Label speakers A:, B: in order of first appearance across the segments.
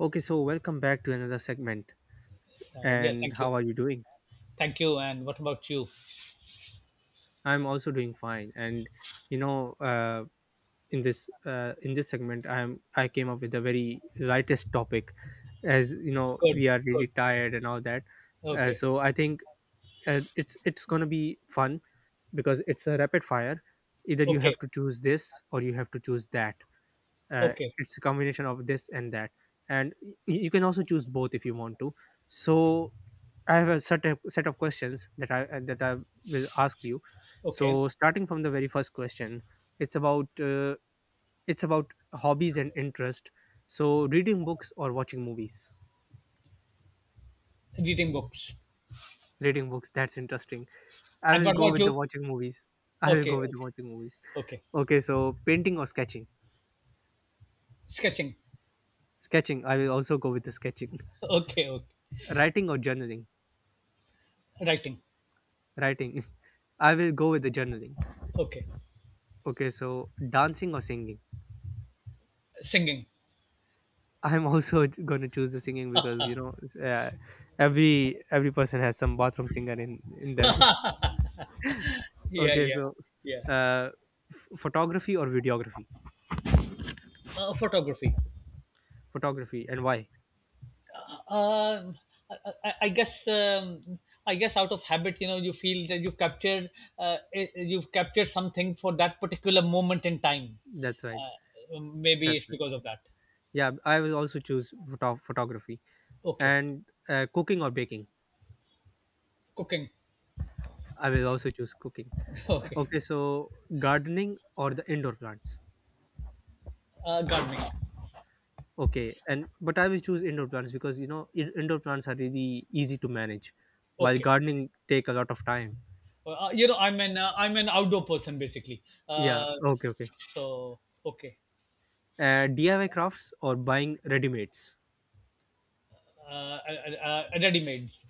A: Okay, so welcome back to another segment.
B: Yeah,
A: And
B: thank you.
A: how are you doing?
B: Thank you. And what about you?
A: I'm also doing fine. You know, uh, in this segment, I came up with a very lightest topic, as you know
B: Good,
A: we are really
B: good.
A: tired and all that. Uh,
B: Okay,
A: so I think it's gonna be fun because it's a rapid fire. Either you
B: okay,
A: have to choose this or you have to choose that. uh,
B: okay,
A: it's a combination of this and that and you can also choose both if you want to, so I have a certain set of questions that I will ask you.
B: okay.
A: So starting from the very first question, it's about uh, it's about hobbies and interest. So reading books or watching movies?
B: Reading books.
A: Reading books, that's interesting. I
B: And
A: will
B: what
A: go
B: about
A: with the
B: you?
A: watching movies. I will
B: Okay,
A: go with
B: okay,
A: the watching movies.
B: okay.
A: Okay, so painting or sketching?
B: Sketching.
A: Sketching, I will also go with the sketching.
B: Okay, okay.
A: Writing or journaling?
B: Writing.
A: Writing. I will go with the journaling.
B: Okay.
A: Okay, so dancing or singing.
B: Singing.
A: I'm also going to choose the singing because you know, every person has some bathroom singer in them.
B: Yeah,
A: Okay,
B: yeah,
A: so
B: yeah.
A: uh, photography or videography.
B: Photography.
A: Photography, and why?
B: Uh, I guess. I guess out of habit, you feel that you've captured something for that particular moment in time.
A: That's right.
B: Maybe
A: That's
B: it's
A: right.
B: because of that.
A: Yeah, I will also choose photography
B: Okay.
A: and cooking or baking.
B: Cooking.
A: I will also choose cooking.
B: Okay,
A: Okay, so gardening or the indoor plants.
B: gardening.
A: Okay, and but I will choose indoor plants because you know, indoor plants are really easy to manage, while
B: Okay,
A: gardening take a lot of time.
B: you know, I'm an outdoor person basically.
A: Yeah.
B: Uh,
A: Okay. Okay.
B: so okay,
A: DIY crafts or buying ready mades.
B: ready mades.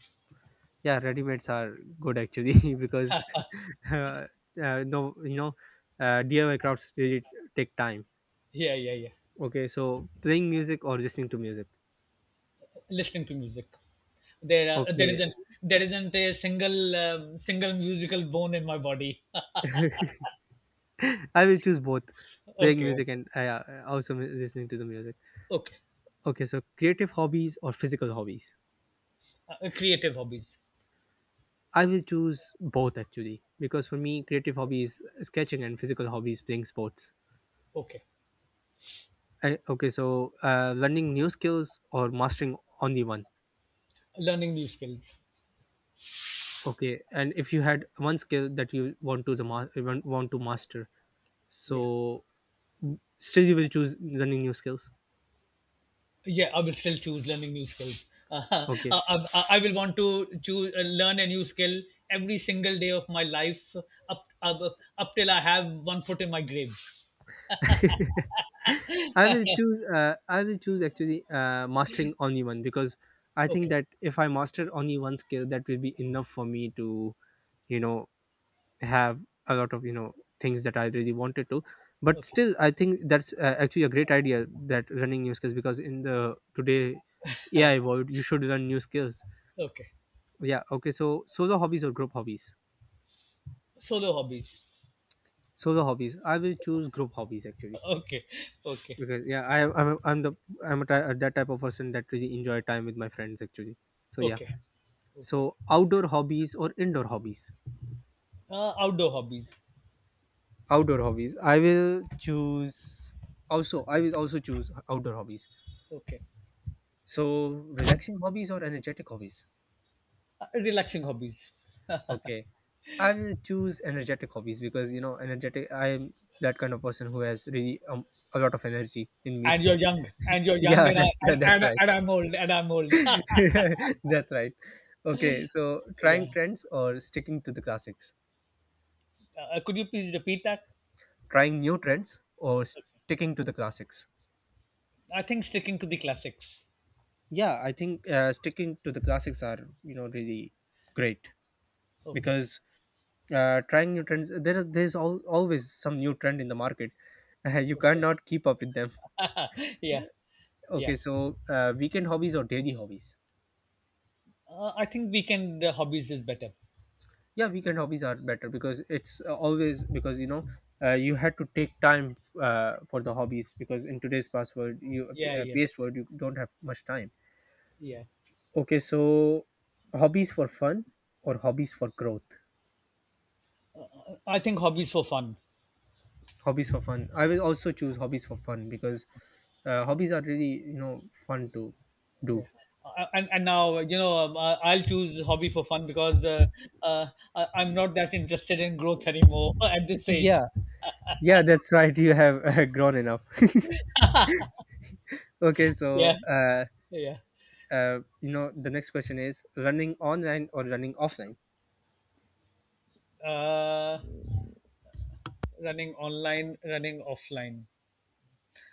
A: Yeah, ready mades are good actually, because uh, no, you know, DIY crafts really take time.
B: Yeah, yeah, yeah.
A: Okay, so playing music or listening to music.
B: Listening to music. There uh, there
A: Okay,
B: isn't there isn't a single single musical bone in my body.
A: I will choose both, playing
B: Okay, okay,
A: music and also listening to the music.
B: okay.
A: Okay, so creative hobbies or physical hobbies.
B: Creative hobbies.
A: I will choose both actually because for me, creative hobby is sketching and physical hobby is playing sports.
B: Okay,
A: Okay, so learning new skills or mastering only one.
B: learning new skills.
A: Okay, and if you had one skill that you want to the ma- want to master,
B: Yeah.
A: so still you will choose learning new skills.
B: Yeah, I will still choose learning new skills. Uh,
A: Okay,
B: I, I will want to choose learn a new skill every single day of my life up up, up till I have one foot in my grave.
A: I will
B: Okay,
A: choose. I will choose actually mastering only one because I think that if I master only one skill, that will be enough for me to you know have a lot of you know things that I really wanted to. But
B: okay,
A: still I think that's actually a great idea that running new skills, because in the today
B: uh,
A: AI world you should learn new skills.
B: okay.
A: Yeah. Okay, so solo hobbies or group hobbies?
B: Solo hobbies.
A: Solo hobbies, I will choose group hobbies actually,
B: Okay, okay,
A: because yeah, I, am I'm I I'm the I'm a ty- that type of person that really enjoy time with my friends actually, so yeah.
B: okay, okay.
A: So outdoor hobbies or indoor hobbies?
B: Outdoor hobbies.
A: Outdoor hobbies, I will also choose outdoor hobbies.
B: Okay,
A: So relaxing hobbies or energetic hobbies?
B: relaxing hobbies.
A: Okay. I will choose energetic hobbies because you know energetic, I'm that kind of person who has really a lot of energy in me.
B: And you're young. And you're young.
A: Yeah,
B: And I
A: that's
B: and,
A: that's
B: and,
A: right.
B: and I'm old. And I'm old.
A: That's right. Okay, so
B: Yeah.
A: trying trends or sticking to the classics.
B: Could you please repeat that?
A: Trying new trends or sticking to the classics.
B: I think sticking to the classics.
A: Yeah, I think sticking to the classics are you know really great,
B: Okay.
A: because trying new trends, there's always some new trend in the market, you
B: Okay.
A: cannot keep up with them.
B: Yeah. Yeah.
A: Okay, so weekend hobbies or daily hobbies.
B: I think weekend hobbies is better.
A: Yeah, weekend hobbies are better because it's always, because you know you had to take time for the hobbies, because in today's password you
B: Yeah. Yeah.
A: paste word you don't have much time.
B: Yeah.
A: Okay, so hobbies for fun or hobbies for growth.
B: I think hobbies for fun.
A: Hobbies for fun, I will also choose hobbies for fun because hobbies are really you know fun to do.
B: Yeah. And now, I'll choose hobby for fun because uh, I'm not that interested in growth anymore at this age.
A: Yeah, Yeah, that's right. You have grown enough. Okay, so
B: Yeah, yeah.
A: you know, the next question is running online or running offline.
B: Uh, Running online, running offline.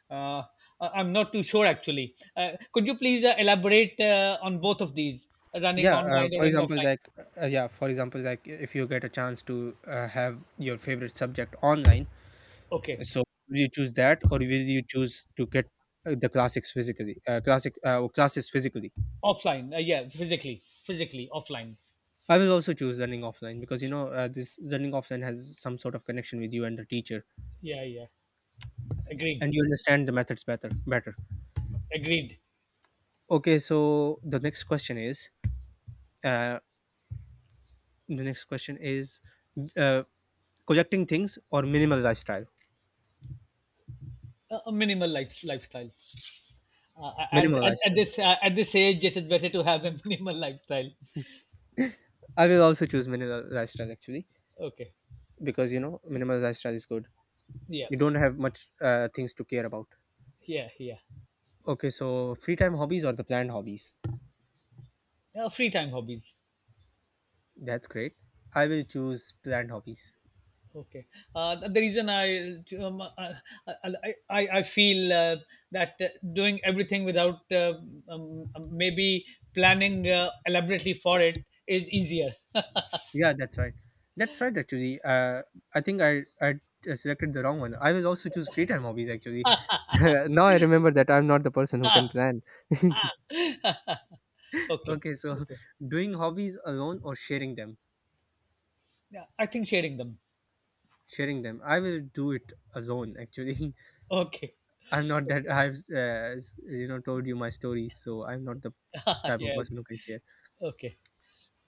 B: Uh, I'm not too sure actually. Could you please elaborate on both of these, running
A: Yeah,
B: online or
A: for
B: running
A: example,
B: offline?
A: like yeah, for example, like if you get a chance to have your favorite subject online,
B: Okay.
A: so will you choose that or will you choose to get the classics physically, classic or classes physically?
B: Offline, yeah, physically offline.
A: I will also choose running offline because you know this running offline has some sort of connection with you and the teacher,
B: Yeah, yeah. Agreed.
A: and you understand the methods better. Better.
B: Agreed.
A: Okay, so the next question is uh, the next question is uh, collecting things or minimal lifestyle.
B: A minimal lifestyle. at,
A: Minimal
B: at, at
A: lifestyle.
B: this uh, at this age it is better to have a minimal lifestyle.
A: I will also choose minimal lifestyle actually
B: Okay.
A: because you know minimal lifestyle is good.
B: Yeah,
A: You don't have much things to care about.
B: yeah, yeah.
A: Okay, so free time hobbies or the planned hobbies.
B: Free time hobbies.
A: That's great. I will choose planned hobbies.
B: Okay. The reason um, uh, uh, I feel that doing everything without maybe planning elaborately for it is easier.
A: Yeah, that's right. That's right. Actually, I think I selected the wrong one. I was also choose free time hobbies. Actually, now I remember that I'm not the person who can plan.
B: Okay,
A: Okay, so
B: okay.
A: doing hobbies alone or sharing them.
B: Yeah, I think sharing them.
A: Sharing them. I will do it alone. Actually,
B: Okay.
A: I'm not that
B: Okay.
A: I've uh, you know told you my story, so I'm not the type of
B: Yeah.
A: person who
B: Okay.
A: can share.
B: Okay.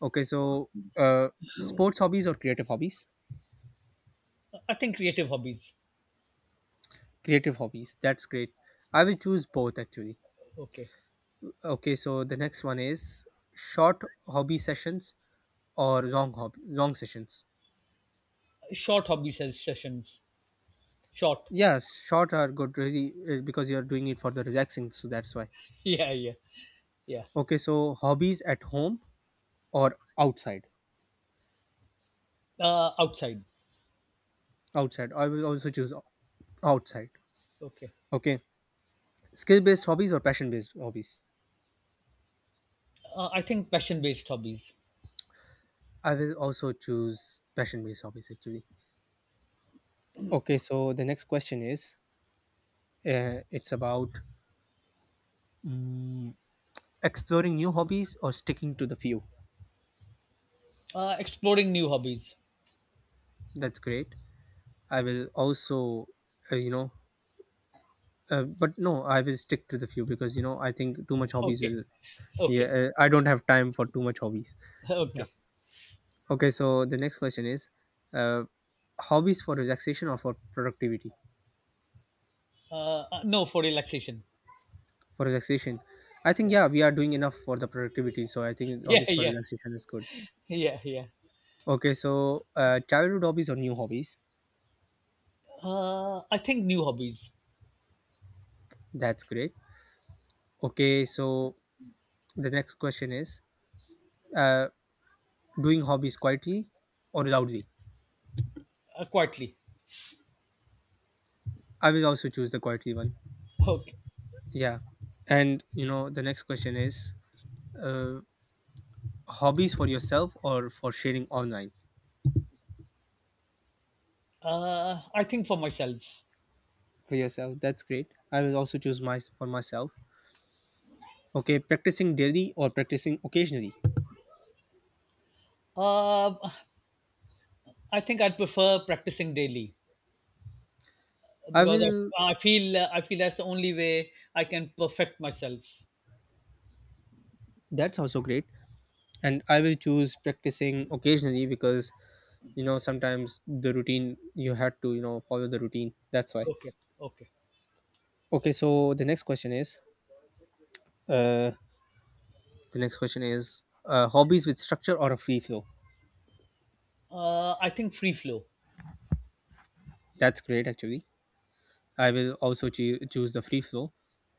A: Okay, so uh, sports hobbies or creative hobbies?
B: I think creative hobbies.
A: Creative hobbies. That's great. I will choose both actually.
B: Okay.
A: Okay, so the next one is short hobby sessions or long sessions.
B: Short hobby sessions. Short.
A: Yeah, short are good really because you are doing it for the relaxing, so that's why.
B: Yeah. Yeah. Yeah.
A: Okay, so hobbies at home or outside.
B: Outside.
A: Outside, I will also choose outside.
B: Okay.
A: Okay, skill based hobbies or passion based hobbies.
B: I think passion based hobbies.
A: I will also choose passion based hobbies actually. Okay, so the next question is it's about mm, exploring new hobbies or sticking to the few.
B: Exploring new hobbies.
A: That's great. I will also, you know, but no, I will stick to the few because you know I think too much hobbies
B: Okay.
A: will. Yeah,
B: Okay.
A: I don't have time for too much hobbies. Yeah.
B: Okay.
A: Okay, so the next question is, uh, hobbies for relaxation or for productivity?
B: Uh, no, for relaxation.
A: For relaxation, I think
B: Yeah.
A: yeah, we are doing enough for the productivity, so I think
B: Yeah.
A: hobbies for
B: Yeah.
A: relaxation is good.
B: Yeah. Yeah.
A: Okay, so childhood hobbies or new hobbies?
B: I think new hobbies.
A: That's great. Okay, so the next question is, uh, doing hobbies quietly or loudly?
B: Quietly.
A: I will also choose the quietly one.
B: Okay.
A: Yeah. And you know, the next question is uh, hobbies for yourself or for sharing online?
B: I think for myself.
A: For yourself, that's great. I will also choose my for myself. Okay, practicing daily or practicing occasionally.
B: Uh, I think I'd prefer practicing daily
A: I
B: because
A: will.
B: I feel that's the only way I can perfect myself.
A: That's also great. And I will choose practicing occasionally because you know sometimes the routine you had to you know follow the routine. That's why.
B: Okay, okay.
A: Okay, so the next question is. Uh, the next question is hobbies with structure or a free flow.
B: I think free flow.
A: That's great, actually. I will also choose the free flow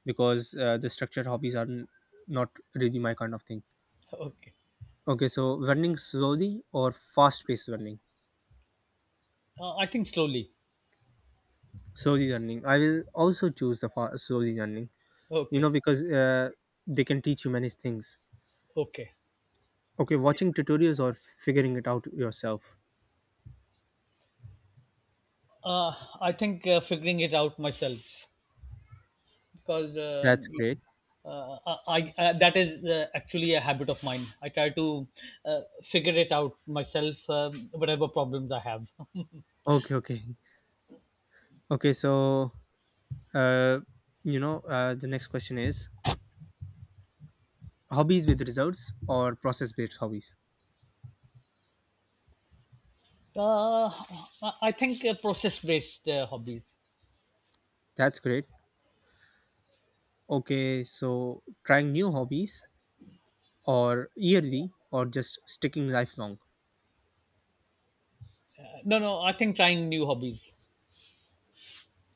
A: because the structured hobbies are not really my kind of thing.
B: Okay.
A: Okay, so running slowly or fast paced running?
B: I think slowly.
A: Slowly running. I will also choose the slowly running, you
B: Okay,
A: know, because they can teach you many things.
B: okay.
A: Okay, watching tutorials or figuring it out yourself.
B: I think figuring it out myself because
A: That's great.
B: uh, I that is actually a habit of mine. I try to figure it out myself, whatever problems I have.
A: Okay, okay. Okay, so, uh, you know, the next question is hobbies with results or process based hobbies?
B: Uh, I think process-based hobbies.
A: That's great. Okay, so trying new hobbies or yearly or just sticking lifelong.
B: No, no, I think trying new hobbies.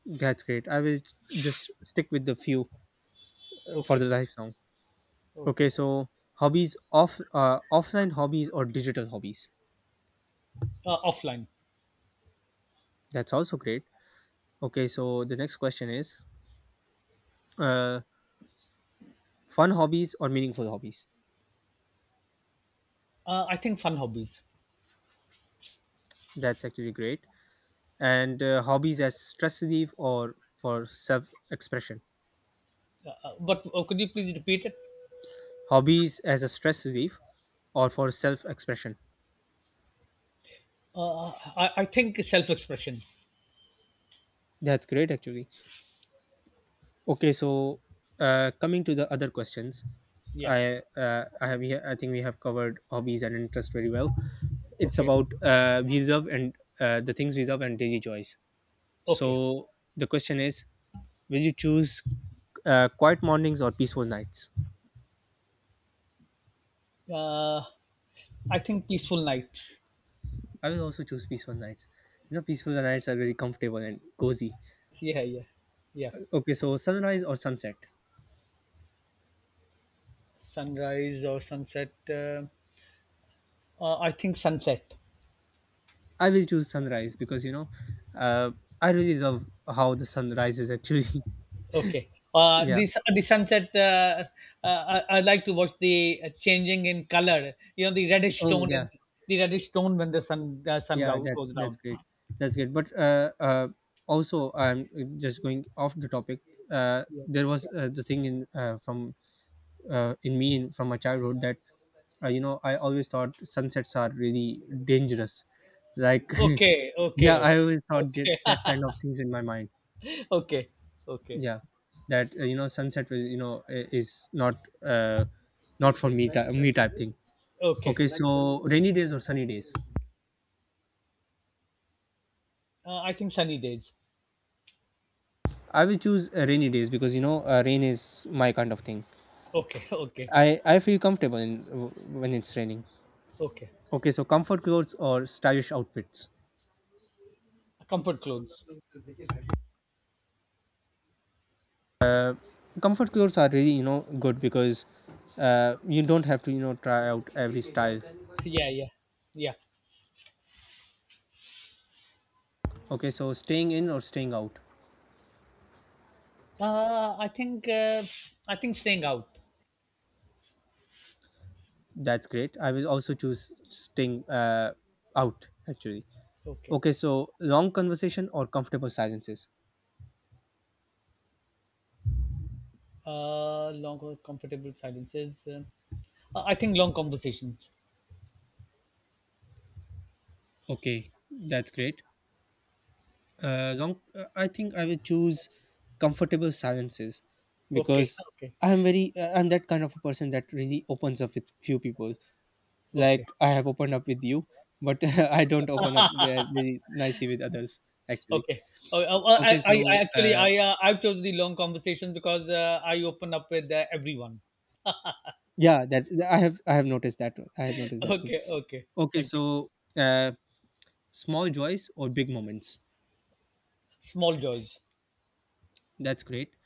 A: That's great. I will just stick with the few for the
B: Okay,
A: lifelong. Okay,
B: okay.
A: so hobbies off offline hobbies or digital hobbies.
B: Offline.
A: That's also great. Okay, so the next question is uh, fun hobbies or meaningful hobbies.
B: I think fun hobbies.
A: That's actually great. And hobbies as stress relief or for self expression.
B: But could you please repeat it?
A: Hobbies as a stress relief or for self expression.
B: Uh, I think self expression.
A: That's great actually. Okay, so coming to the other questions,
B: Yeah,
A: I think we have covered hobbies and interest very well. It's
B: okay,
A: about we love and the things we love and daily joys. So
B: okay.
A: the question is, will you choose quiet mornings or peaceful nights?
B: Uh, I think peaceful nights.
A: I will also choose peaceful nights. You know, peaceful nights are very comfortable and cozy.
B: Yeah, yeah, yeah.
A: Okay, so sunrise or sunset?
B: Sunrise or sunset. I think sunset.
A: I will choose sunrise because you know, uh, I really love how the sun rises. Actually,
B: Okay. Uh,
A: yeah.
B: the s- the sunset. Uh, I like to watch the changing in color. You know the reddish
A: Oh
B: tone in
A: yeah,
B: the reddish tone when the sun uh, sun
A: yeah
B: go,
A: that's
B: goes
A: that's
B: down.
A: great, that's great, but also I'm just going off the topic.
B: Yeah.
A: There was the thing in from in from my childhood that you know, I always thought sunsets are really dangerous, like
B: Okay.
A: yeah,
B: Okay.
A: I always thought
B: Okay.
A: that kind of things in my mind.
B: Okay. Okay.
A: Yeah, that you know, sunset was is not uh not for me type thing.
B: Okay.
A: Okay, so rainy days or sunny days?
B: I think sunny days.
A: I will choose rainy days because you know, rain is my kind of thing.
B: Okay. Okay.
A: I feel comfortable when it's raining.
B: Okay.
A: Okay, so comfort clothes or stylish outfits.
B: Comfort clothes.
A: Comfort clothes are really, you know, good because you don't have to, you know, try out every style.
B: Yeah. Yeah. Yeah.
A: Okay, so staying in or staying out.
B: Uh, I think uh, I think staying out.
A: That's great. I will also choose staying out, actually.
B: Okay.
A: Okay, so long conversation or comfortable silences.
B: Long or comfortable silences. I think long conversations.
A: Okay, that's great. I think I will choose comfortable silences
B: Okay,
A: because
B: okay,
A: I am very I'm that kind of a person that really opens up with few people.
B: okay,
A: Like I have opened up with you, but I don't open up really nicely with others. Actually,
B: okay.
A: okay, so
B: I've chosen the long conversation because I open up with everyone.
A: yeah, that I have noticed that, I have noticed that thing.
B: Okay, okay.
A: Okay,
B: Thank you.
A: so uh, small joys or big moments.
B: Small joys,
A: That's great.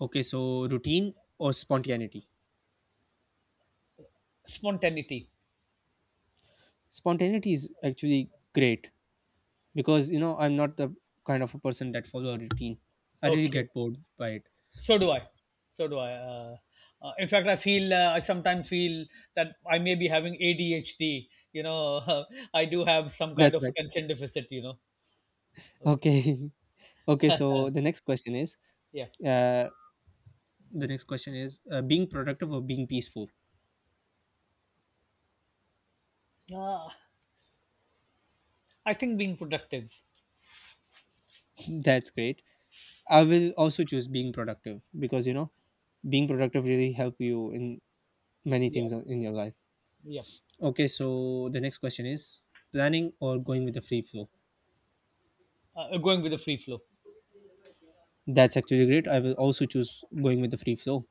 A: Okay, so routine or spontaneity.
B: spontaneity.
A: Spontaneity is actually great because you know, I'm not the kind of a person that follow a routine. I really
B: Okay,
A: get bored by it.
B: so do I. So do I. In fact, I sometimes feel that I may be having ADHD. You know, I do have some kind
A: That's
B: of
A: right.
B: attention deficit. You know. Okay.
A: Okay, okay, so the next question is
B: Yeah.
A: uh, being productive or being peaceful.
B: Uh, I think being productive.
A: That's great. I will also choose being productive because you know, being productive really help you in many
B: Yeah.
A: things in your life.
B: Yeah.
A: Okay, so the next question is planning or going with the free flow.
B: Going with the free flow.
A: That's actually great. I will also choose going with the free flow.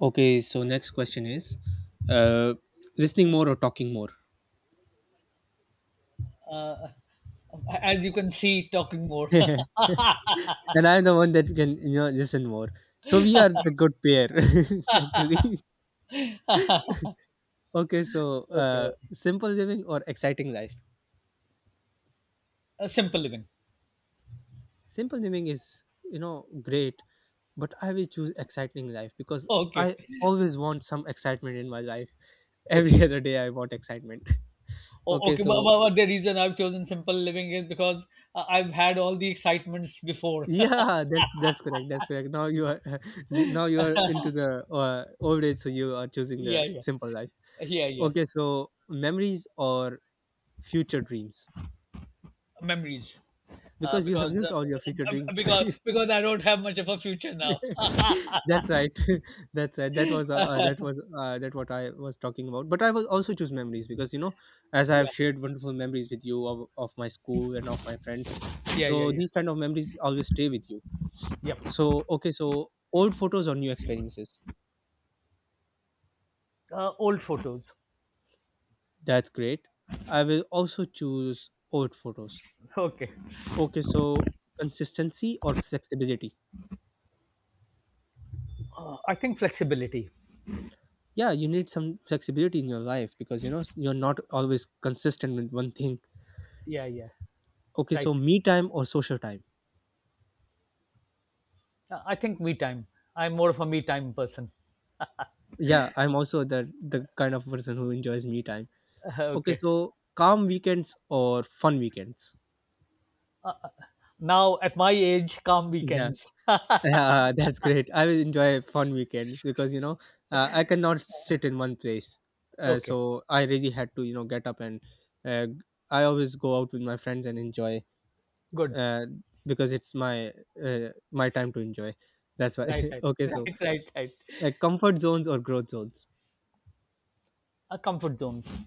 A: Okay, so next question is uh, listening more or talking more?
B: Uh, As you can see, talking more.
A: And I'm the one that can, you know, listen more. So we are the good pair, actually. Okay, so
B: Okay.
A: simple living or exciting life.
B: Simple living.
A: Simple living is, you know, great, but I will choose exciting life because
B: Okay.
A: I always want some excitement in my life.
B: Okay.
A: Every other day I want excitement. Okay,
B: Okay. But,
A: so
B: but, but the reason I've chosen simple living is because I've had all the excitements before.
A: yeah, that's correct. That's correct. Now you are you, now you are into the old age, so you are choosing
B: Yeah.
A: the
B: Yeah.
A: simple life.
B: Yeah. Yeah.
A: Okay, so memories or future dreams,
B: Memories. Uh,
A: because you have
B: because uh,
A: lived all your future
B: uh, uh,
A: dreams.
B: because because I don't have much of a future now.
A: That's right. That's right. That was that was that what I was talking about. But I will also choose memories because you know, as I have
B: Yeah.
A: shared wonderful memories with you of my school and of my friends.
B: Yeah. Yeah.
A: So
B: Yeah.
A: these kind of memories always stay with you.
B: Yep.
A: So okay, so old photos or new experiences.
B: Old photos.
A: That's great. I will also choose old photos.
B: Okay.
A: Okay, so consistency or flexibility?
B: I think flexibility.
A: Yeah, you need some flexibility in your life because you know, you're not always consistent with one thing.
B: Yeah. Yeah.
A: Okay, so
B: Right.
A: me time or social time?
B: I think me time. I'm more of a me time person.
A: Yeah, I'm also the kind of person who enjoys me time. Okay,
B: Okay.
A: so calm weekends or fun weekends?
B: Now at my age, calm
A: Yeah,
B: weekends.
A: yeah, that's great. I will enjoy fun weekends because you know, I cannot sit in one place.
B: Okay.
A: So I really had to, you know, get up and uh, I always go out with my friends and enjoy
B: Good.
A: uh, because it's my my time to enjoy. That's why.
B: Right, right,
A: Okay, so
B: right, right, right.
A: like comfort zones or growth zones.
B: A comfort zone.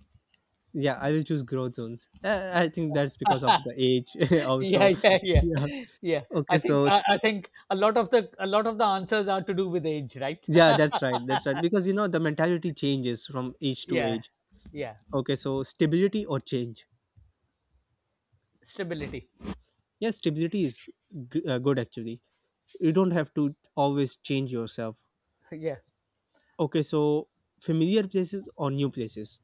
A: Yeah, I will choose growth zones. I think that's because of the age
B: Yeah,
A: also.
B: yeah, yeah,
A: Yeah.
B: yeah. I
A: Okay,
B: think
A: so
B: I, I
A: it's,
B: think a lot of the answers are to do with age, right?
A: yeah, that's right. That's right because you know, the mentality changes from age to
B: Yeah,
A: age.
B: yeah.
A: Okay, so stability or change?
B: Stability.
A: Yes, stability is good, actually. You don't have to always change yourself.
B: Yeah.
A: Okay, so familiar places or new places?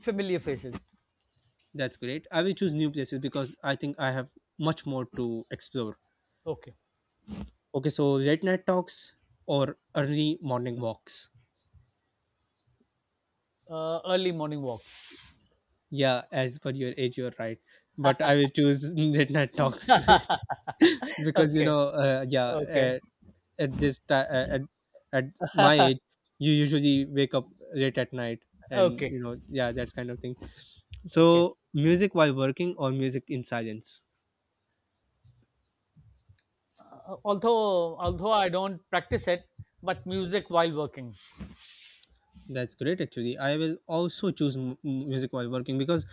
B: Familiar faces.
A: That's great. I will choose new places because I think I have much more to explore.
B: Okay.
A: Okay, so late night talks or early morning walks?
B: Early morning walks.
A: Yeah, as per your age, you're right. But I will choose late night talks
B: Okay.
A: because you know, yeah, uh,
B: Okay.
A: at this ti- at my age you usually wake up late at night, and
B: Okay.
A: you know, yeah, that's kind of thing.
B: Okay.
A: So music while working or music in silence?
B: Although I don't practice it, but music while working.
A: That's great, actually. I will also choose music while working because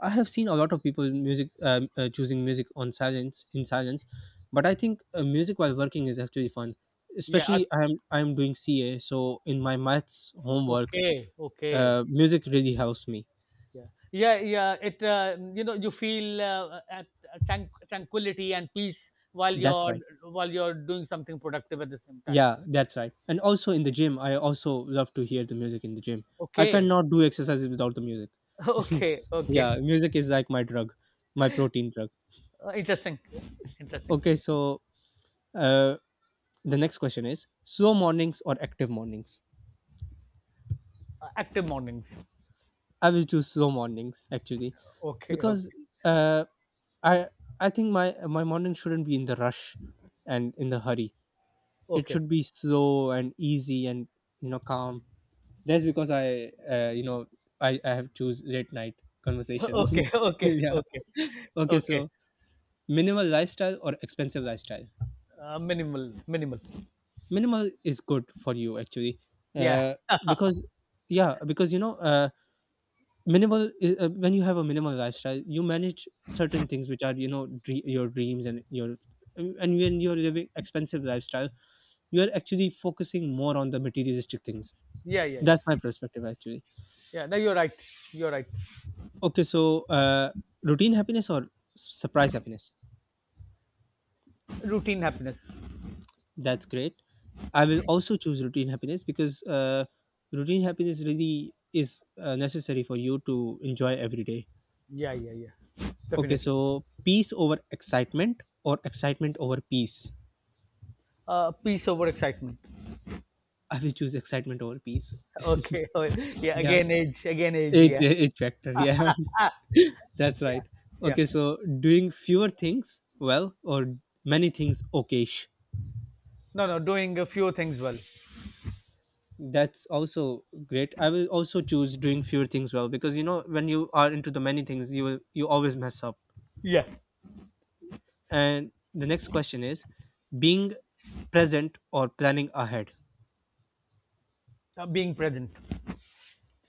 A: I have seen a lot of people music choosing music on silence in silence, but I think music while working is actually fun,
B: Yeah,
A: especially
B: I.
A: I am doing ca, so in my maths homework
B: Okay, okay.
A: music really helps me.
B: Yeah, yeah, yeah. It You know you feel at tranquility and peace while
A: That's
B: you're
A: why.
B: while you're doing something productive at the same time.
A: Yeah, that's right. And also in the gym, I also love to hear the music in the gym. I
B: Okay,
A: cannot do exercises without the music.
B: okay, okay.
A: Yeah, music is like my drug, my protein drug.
B: Interesting,
A: Okay,
B: interesting.
A: so uh, the next question is slow mornings or active mornings?
B: Active mornings.
A: I will choose slow mornings, actually,
B: Okay,
A: because
B: okay,
A: uh, I think my morning shouldn't be in the rush and in the hurry. It
B: okay,
A: should be slow and easy and, you know, calm. That's because you know, I have choose late night
B: okay,
A: conversations.
B: okay,
A: Yeah.
B: okay,
A: Okay.
B: okay.
A: So minimal lifestyle or expensive lifestyle.
B: Minimal, minimal.
A: Minimal is good for you, actually,
B: Yeah,
A: uh, because yeah, because you know, minimal when you have a minimal lifestyle, you manage certain things which are, you know, your dreams and your, and when you're living expensive lifestyle, you are actually focusing more on the materialistic things.
B: yeah, yeah,
A: That's my
B: yeah.
A: perspective, actually.
B: Yeah. No, you're right. You're right.
A: Okay, so routine happiness or surprise happiness?
B: Routine happiness.
A: That's great. I will also choose routine happiness because routine happiness really is necessary for you to enjoy every day.
B: Yeah, yeah, yeah.
A: Okay,
B: Definitely.
A: so peace over excitement or excitement over peace?
B: Peace over excitement.
A: I will choose excitement over peace.
B: Okay. Oh, yeah.
A: Yeah,
B: Again, age. Again, age.
A: age,
B: Yeah.
A: age factor. Yeah, that's right.
B: Yeah. Yeah.
A: Okay, so doing fewer things well or many things okayish.
B: No, no. Doing a few things well.
A: That's also great. I will also choose doing fewer things well because you know, when you are into the many things you will you always mess up.
B: Yeah.
A: And the next question is being present or planning ahead.
B: Being present.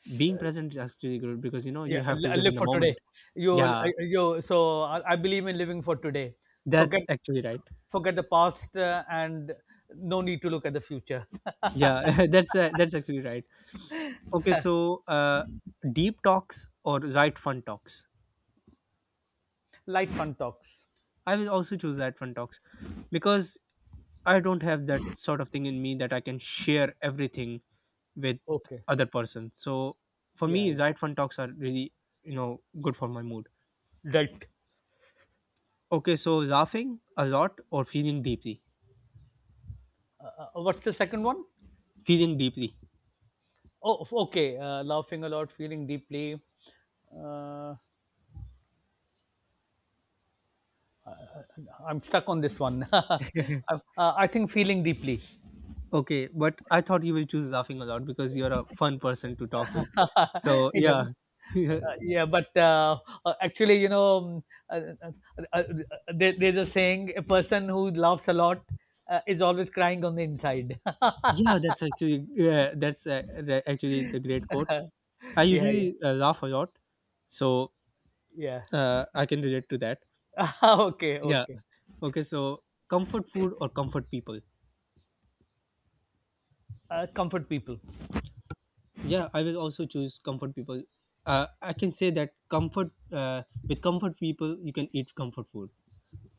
A: Being present is actually good because you know, you
B: Yeah.
A: have to live
B: Live
A: in the
B: for today.
A: moment.
B: You.
A: Yeah,
B: You. So I believe in living for today. Forget.
A: that's actually right.
B: Forget the past and no need to look at the future.
A: Yeah, that's actually right. Okay, so deep talks or right fun talks.
B: Light fun talks.
A: I will also choose right fun talks because I don't have that sort of thing in me that I can share everything with
B: Okay.
A: other person. So for
B: Yeah.
A: me,
B: Yeah.
A: Zite fun talks are really, you know, good for my mood.
B: Right.
A: Okay, so laughing a lot or feeling deeply,
B: What's the second one?
A: feeling deeply.
B: Oh, okay. Laughing a lot, feeling deeply. Uh. I'm stuck on this one. Uh, I think feeling deeply.
A: Okay, but I thought you will choose laughing a lot because you're a fun person to talk with. So
B: yeah,
A: yeah, yeah,
B: yeah, but actually, um, uh, uh, uh, there's a saying: a person who laughs a lot is always crying on the inside.
A: that's actually yeah, that's re- actually the great quote. I
B: Yeah, yeah,
A: usually laugh a lot, so
B: yeah.
A: I can relate to that.
B: Okay,
A: Yeah.
B: okay.
A: Okay. So comfort food or comfort people?
B: Comfort people.
A: Yeah, I will also choose comfort people. I can say that comfort with comfort people, you can eat comfort food.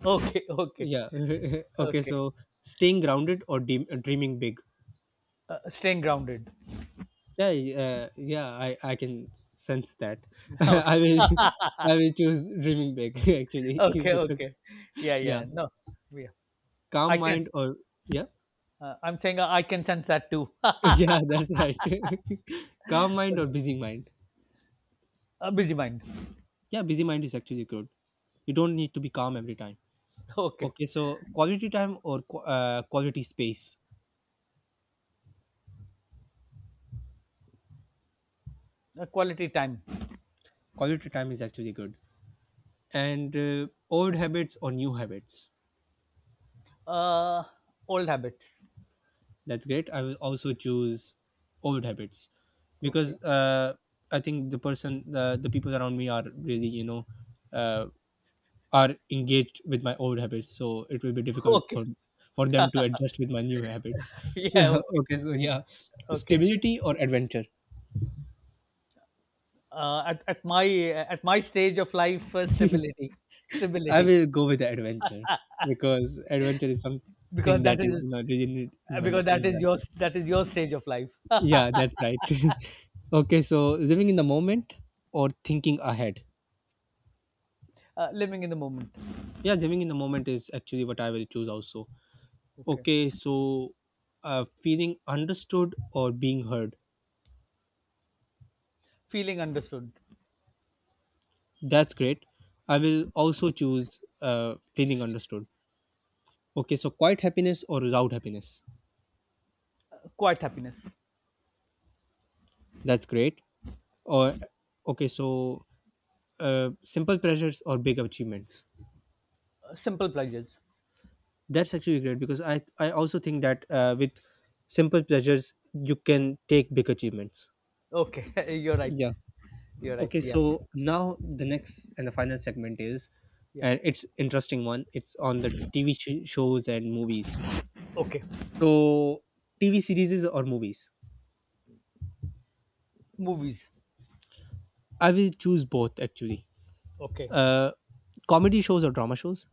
B: Okay, okay,
A: Yeah. Okay.
B: okay.
A: So staying grounded or dreaming big.
B: Staying grounded.
A: Yeah. Yeah. I can sense that.
B: Okay,
A: I will I will choose dreaming big actually
B: okay,
A: because
B: okay. Yeah,
A: yeah,
B: yeah. No, yeah. I
A: calm
B: can.
A: mind or yeah
B: I'm saying I can sense that too.
A: yeah, that's right. Calm mind or busy mind.
B: A busy mind.
A: Yeah, busy mind is actually good. You don't need to be calm every time.
B: Okay.
A: Okay, so quality time or quality space.
B: A quality time.
A: Quality time is actually good. And old habits or new habits.
B: Uh, old habits.
A: That's great. I will also choose old habits
B: Okay.
A: because I think the people around me are really, you know, uh, are engaged with my old habits. So it will be difficult
B: Okay.
A: for them to adjust with my new habits.
B: Yeah. Okay.
A: Okay, so yeah,
B: Okay.
A: stability or adventure.
B: Uh, at, at my at my stage of life, stability,
A: I
B: stability,
A: will go with adventure because adventure is
B: because
A: something that
B: that
A: is,
B: is
A: you know, really in my
B: because that is
A: life.
B: your that is your stage of life.
A: Yeah, that's right. Okay, so living in the moment or thinking ahead.
B: Living in the moment.
A: Yeah, living in the moment is actually what I will choose also.
B: Okay.
A: Okay, so feeling understood or being heard.
B: Feeling understood.
A: That's great. I will also choose feeling understood. Okay, so quiet happiness or loud happiness.
B: Quiet happiness. Uh,
A: That's great. Or okay, so simple pleasures or big achievements?
B: simple pleasures.
A: That's actually great because I also think that with simple pleasures you can take big achievements.
B: Okay. You're right.
A: Yeah.
B: You're right.
A: Okay,
B: Yeah.
A: so now the next and the final segment is,
B: Yeah.
A: and it's interesting one, it's on the TV shows and movies.
B: Okay.
A: So TV series or movies?
B: Movies.
A: I will choose both, actually.
B: Okay.
A: Uh, comedy shows or drama shows?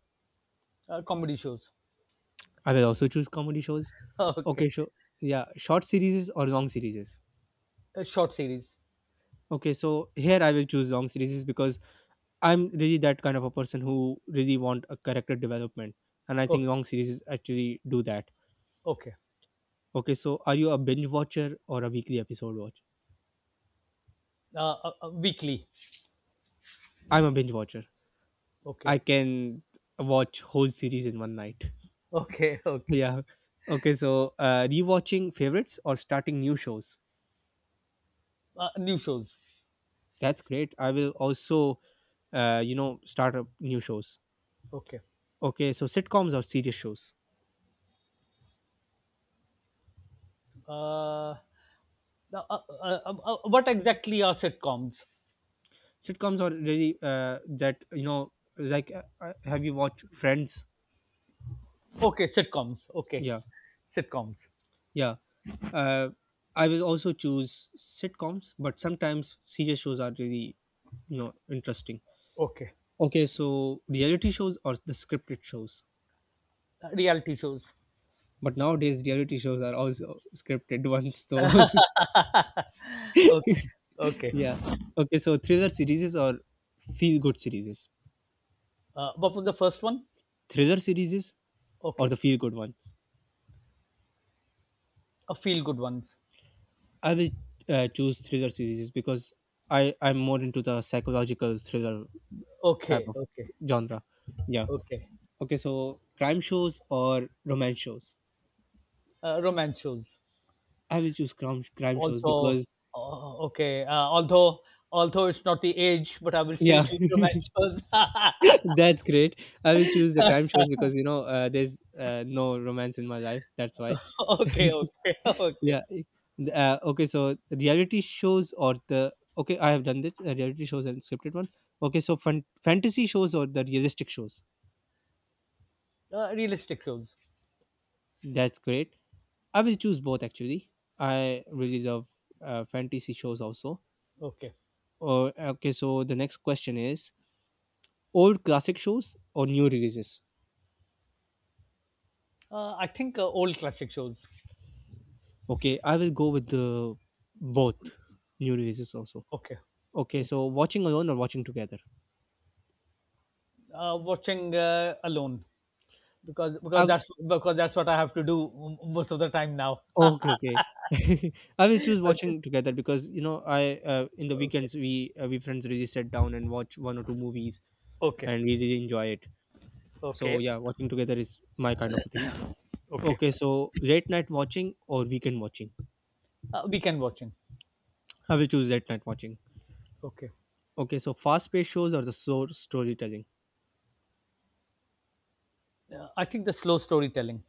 B: Comedy shows.
A: I will also choose comedy shows.
B: Okay.
A: Okay, sure. Yeah, short series or long series?
B: A short series.
A: Okay, so here I will choose long series because I'm really that kind of a person who really want a character development, and I think
B: Okay,
A: long series actually do that.
B: okay.
A: Okay, so are you a binge watcher or a weekly episode watch?
B: Weekly.
A: I'm a binge watcher.
B: Okay,
A: I can watch whole series in one night.
B: okay, okay.
A: Yeah. Okay, so rewatching favorites or starting new shows.
B: New shows.
A: That's great. I will also, start up new shows.
B: Okay.
A: Okay, so sitcoms or serious shows.
B: Uh, uh, what exactly are sitcoms?
A: Sitcoms are really that you know like have you watched friends?
B: Okay, sitcoms. Okay,
A: Yeah,
B: sitcoms.
A: yeah. uh, I will also choose sitcoms, but sometimes serious shows are really, you know, interesting.
B: Okay,
A: Okay, so reality shows or the scripted shows?
B: reality shows.
A: But nowadays reality shows are also scripted ones, so
B: Okay, okay.
A: yeah. Okay, so thriller series or feel good series?
B: What was the first one?
A: Thriller series or the
B: Okay,
A: feel good ones?
B: feel good ones.
A: I will choose thriller series because I'm more into the psychological thriller type
B: Okay,
A: of
B: okay,
A: genre. Yeah.
B: okay.
A: Okay. So crime shows or romance shows?
B: Romance shows.
A: I will choose crime shows
B: Also,
A: because
B: okay. Although it's not the age, but I will still
A: yeah,
B: choose romance shows.
A: that's great. I will choose the crime shows because there's no romance in my life. That's why.
B: Okay, okay, okay.
A: Yeah. Okay. So reality shows or the okay, I have done this, reality shows and scripted one. Okay. So fantasy shows or the realistic shows?
B: Realistic shows.
A: That's great. I will choose both actually. I really love fantasy shows also.
B: Okay.
A: Or okay, so the next question is old classic shows or new releases.
B: I think old classic shows.
A: Okay, I will go with the both, new releases also.
B: Okay.
A: Okay, so watching alone or watching together.
B: Watching alone because because
A: I
B: that's because that's what I have to do most of the time now.
A: okay, okay. I will choose
B: Okay.
A: watching together because you know I, in the
B: Okay.
A: weekends we, we friends really sit down and watch one or two movies
B: Okay.
A: and we really enjoy it. So
B: Okay.
A: yeah, watching together is my kind of a thing.
B: Okay.
A: Okay, so late night watching or weekend watching?
B: Weekend watching.
A: I will choose late night watching.
B: Okay.
A: Okay, so fast paced shows or the slow storytelling?
B: I think the slow storytelling.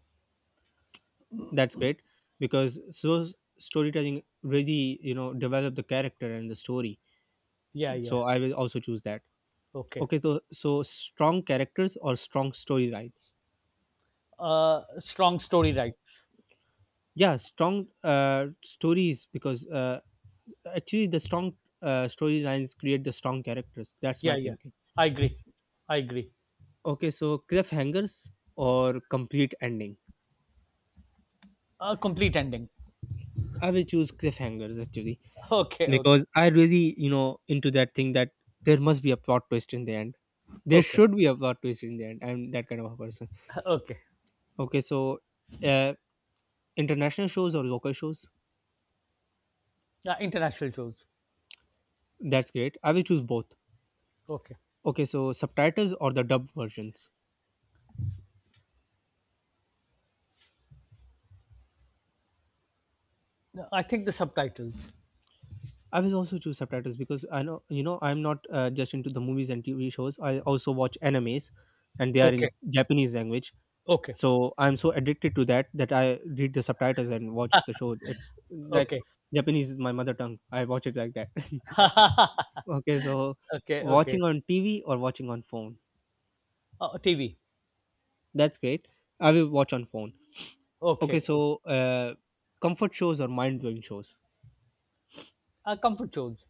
A: That's great, because slow storytelling really, you know, develop the character and the story.
B: Yeah.
A: So
B: Yeah.
A: I will also choose that.
B: Okay.
A: Okay, so strong characters or strong storylines?
B: Strong story rights.
A: Yeah, strong stories, because actually the strong storylines create the strong characters. That's my
B: Yeah. Yeah.
A: thinking.
B: I agree. I agree.
A: Okay, so cliffhangers or complete ending?
B: Complete ending.
A: I will choose cliffhangers actually,
B: Okay. Okay.
A: because I really, you know, into that thing that there must be a plot twist in the end. There
B: Okay.
A: should be a plot twist in the end. I'm that kind of a person.
B: Okay.
A: Okay, so uh, international shows or local shows?
B: Yeah, international shows.
A: That's great. I will choose both.
B: Okay.
A: Okay, so subtitles or the dubbed versions?
B: No, I think the subtitles.
A: I will also choose subtitles, because I know, you know, I'm not just into the movies and TV shows. I also watch animes, and they are
B: Okay.
A: in Japanese language.
B: Okay.
A: So I'm so addicted to that that I read the subtitles and watch the show. It's like
B: Okay.
A: Japanese is my mother tongue, I watch it like that. Okay, so
B: Okay. Okay.
A: watching on TV or watching on phone?
B: TV.
A: That's great. I will watch on phone. Okay,
B: Okay.
A: so comfort shows or mind-blowing shows?
B: Comfort shows.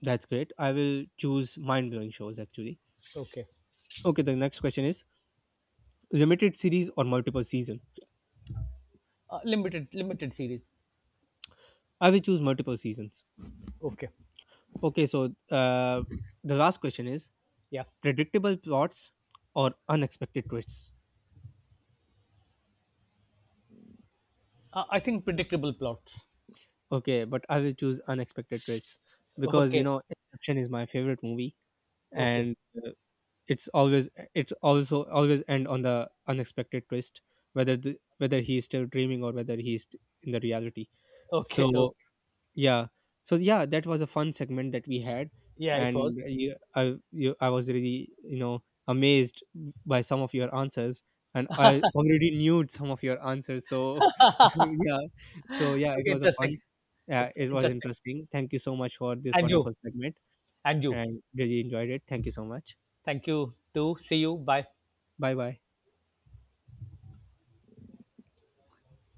A: That's great. I will choose mind-blowing shows actually.
B: Okay.
A: Okay, the next question is limited series or multiple season?
B: Limited series.
A: I will choose multiple seasons.
B: Okay.
A: Okay, so uh, the last question is
B: Yeah.
A: predictable plots or unexpected twists?
B: I think predictable plots.
A: Okay, but I will choose unexpected twists, because you
B: Okay.
A: know Inception is my favorite movie,
B: Okay.
A: and uh, it's always, it's also always end on the unexpected twist, whether whether he is still dreaming or whether he is in the reality.
B: Okay. Okay.
A: So yeah. So yeah, that was a fun segment that we had,
B: Yeah, it was.
A: and I was really, you know, amazed by some of your answers, and I already knew some of your answers. So yeah, so yeah, it
B: Okay,
A: was a
B: interesting.
A: fun.
B: It's
A: It was
B: interesting.
A: interesting. Thank you so much for this
B: And you.
A: wonderful segment,
B: And you.
A: and really enjoyed it. Thank you so much.
B: Thank you too. See you. Bye.
A: Bye bye.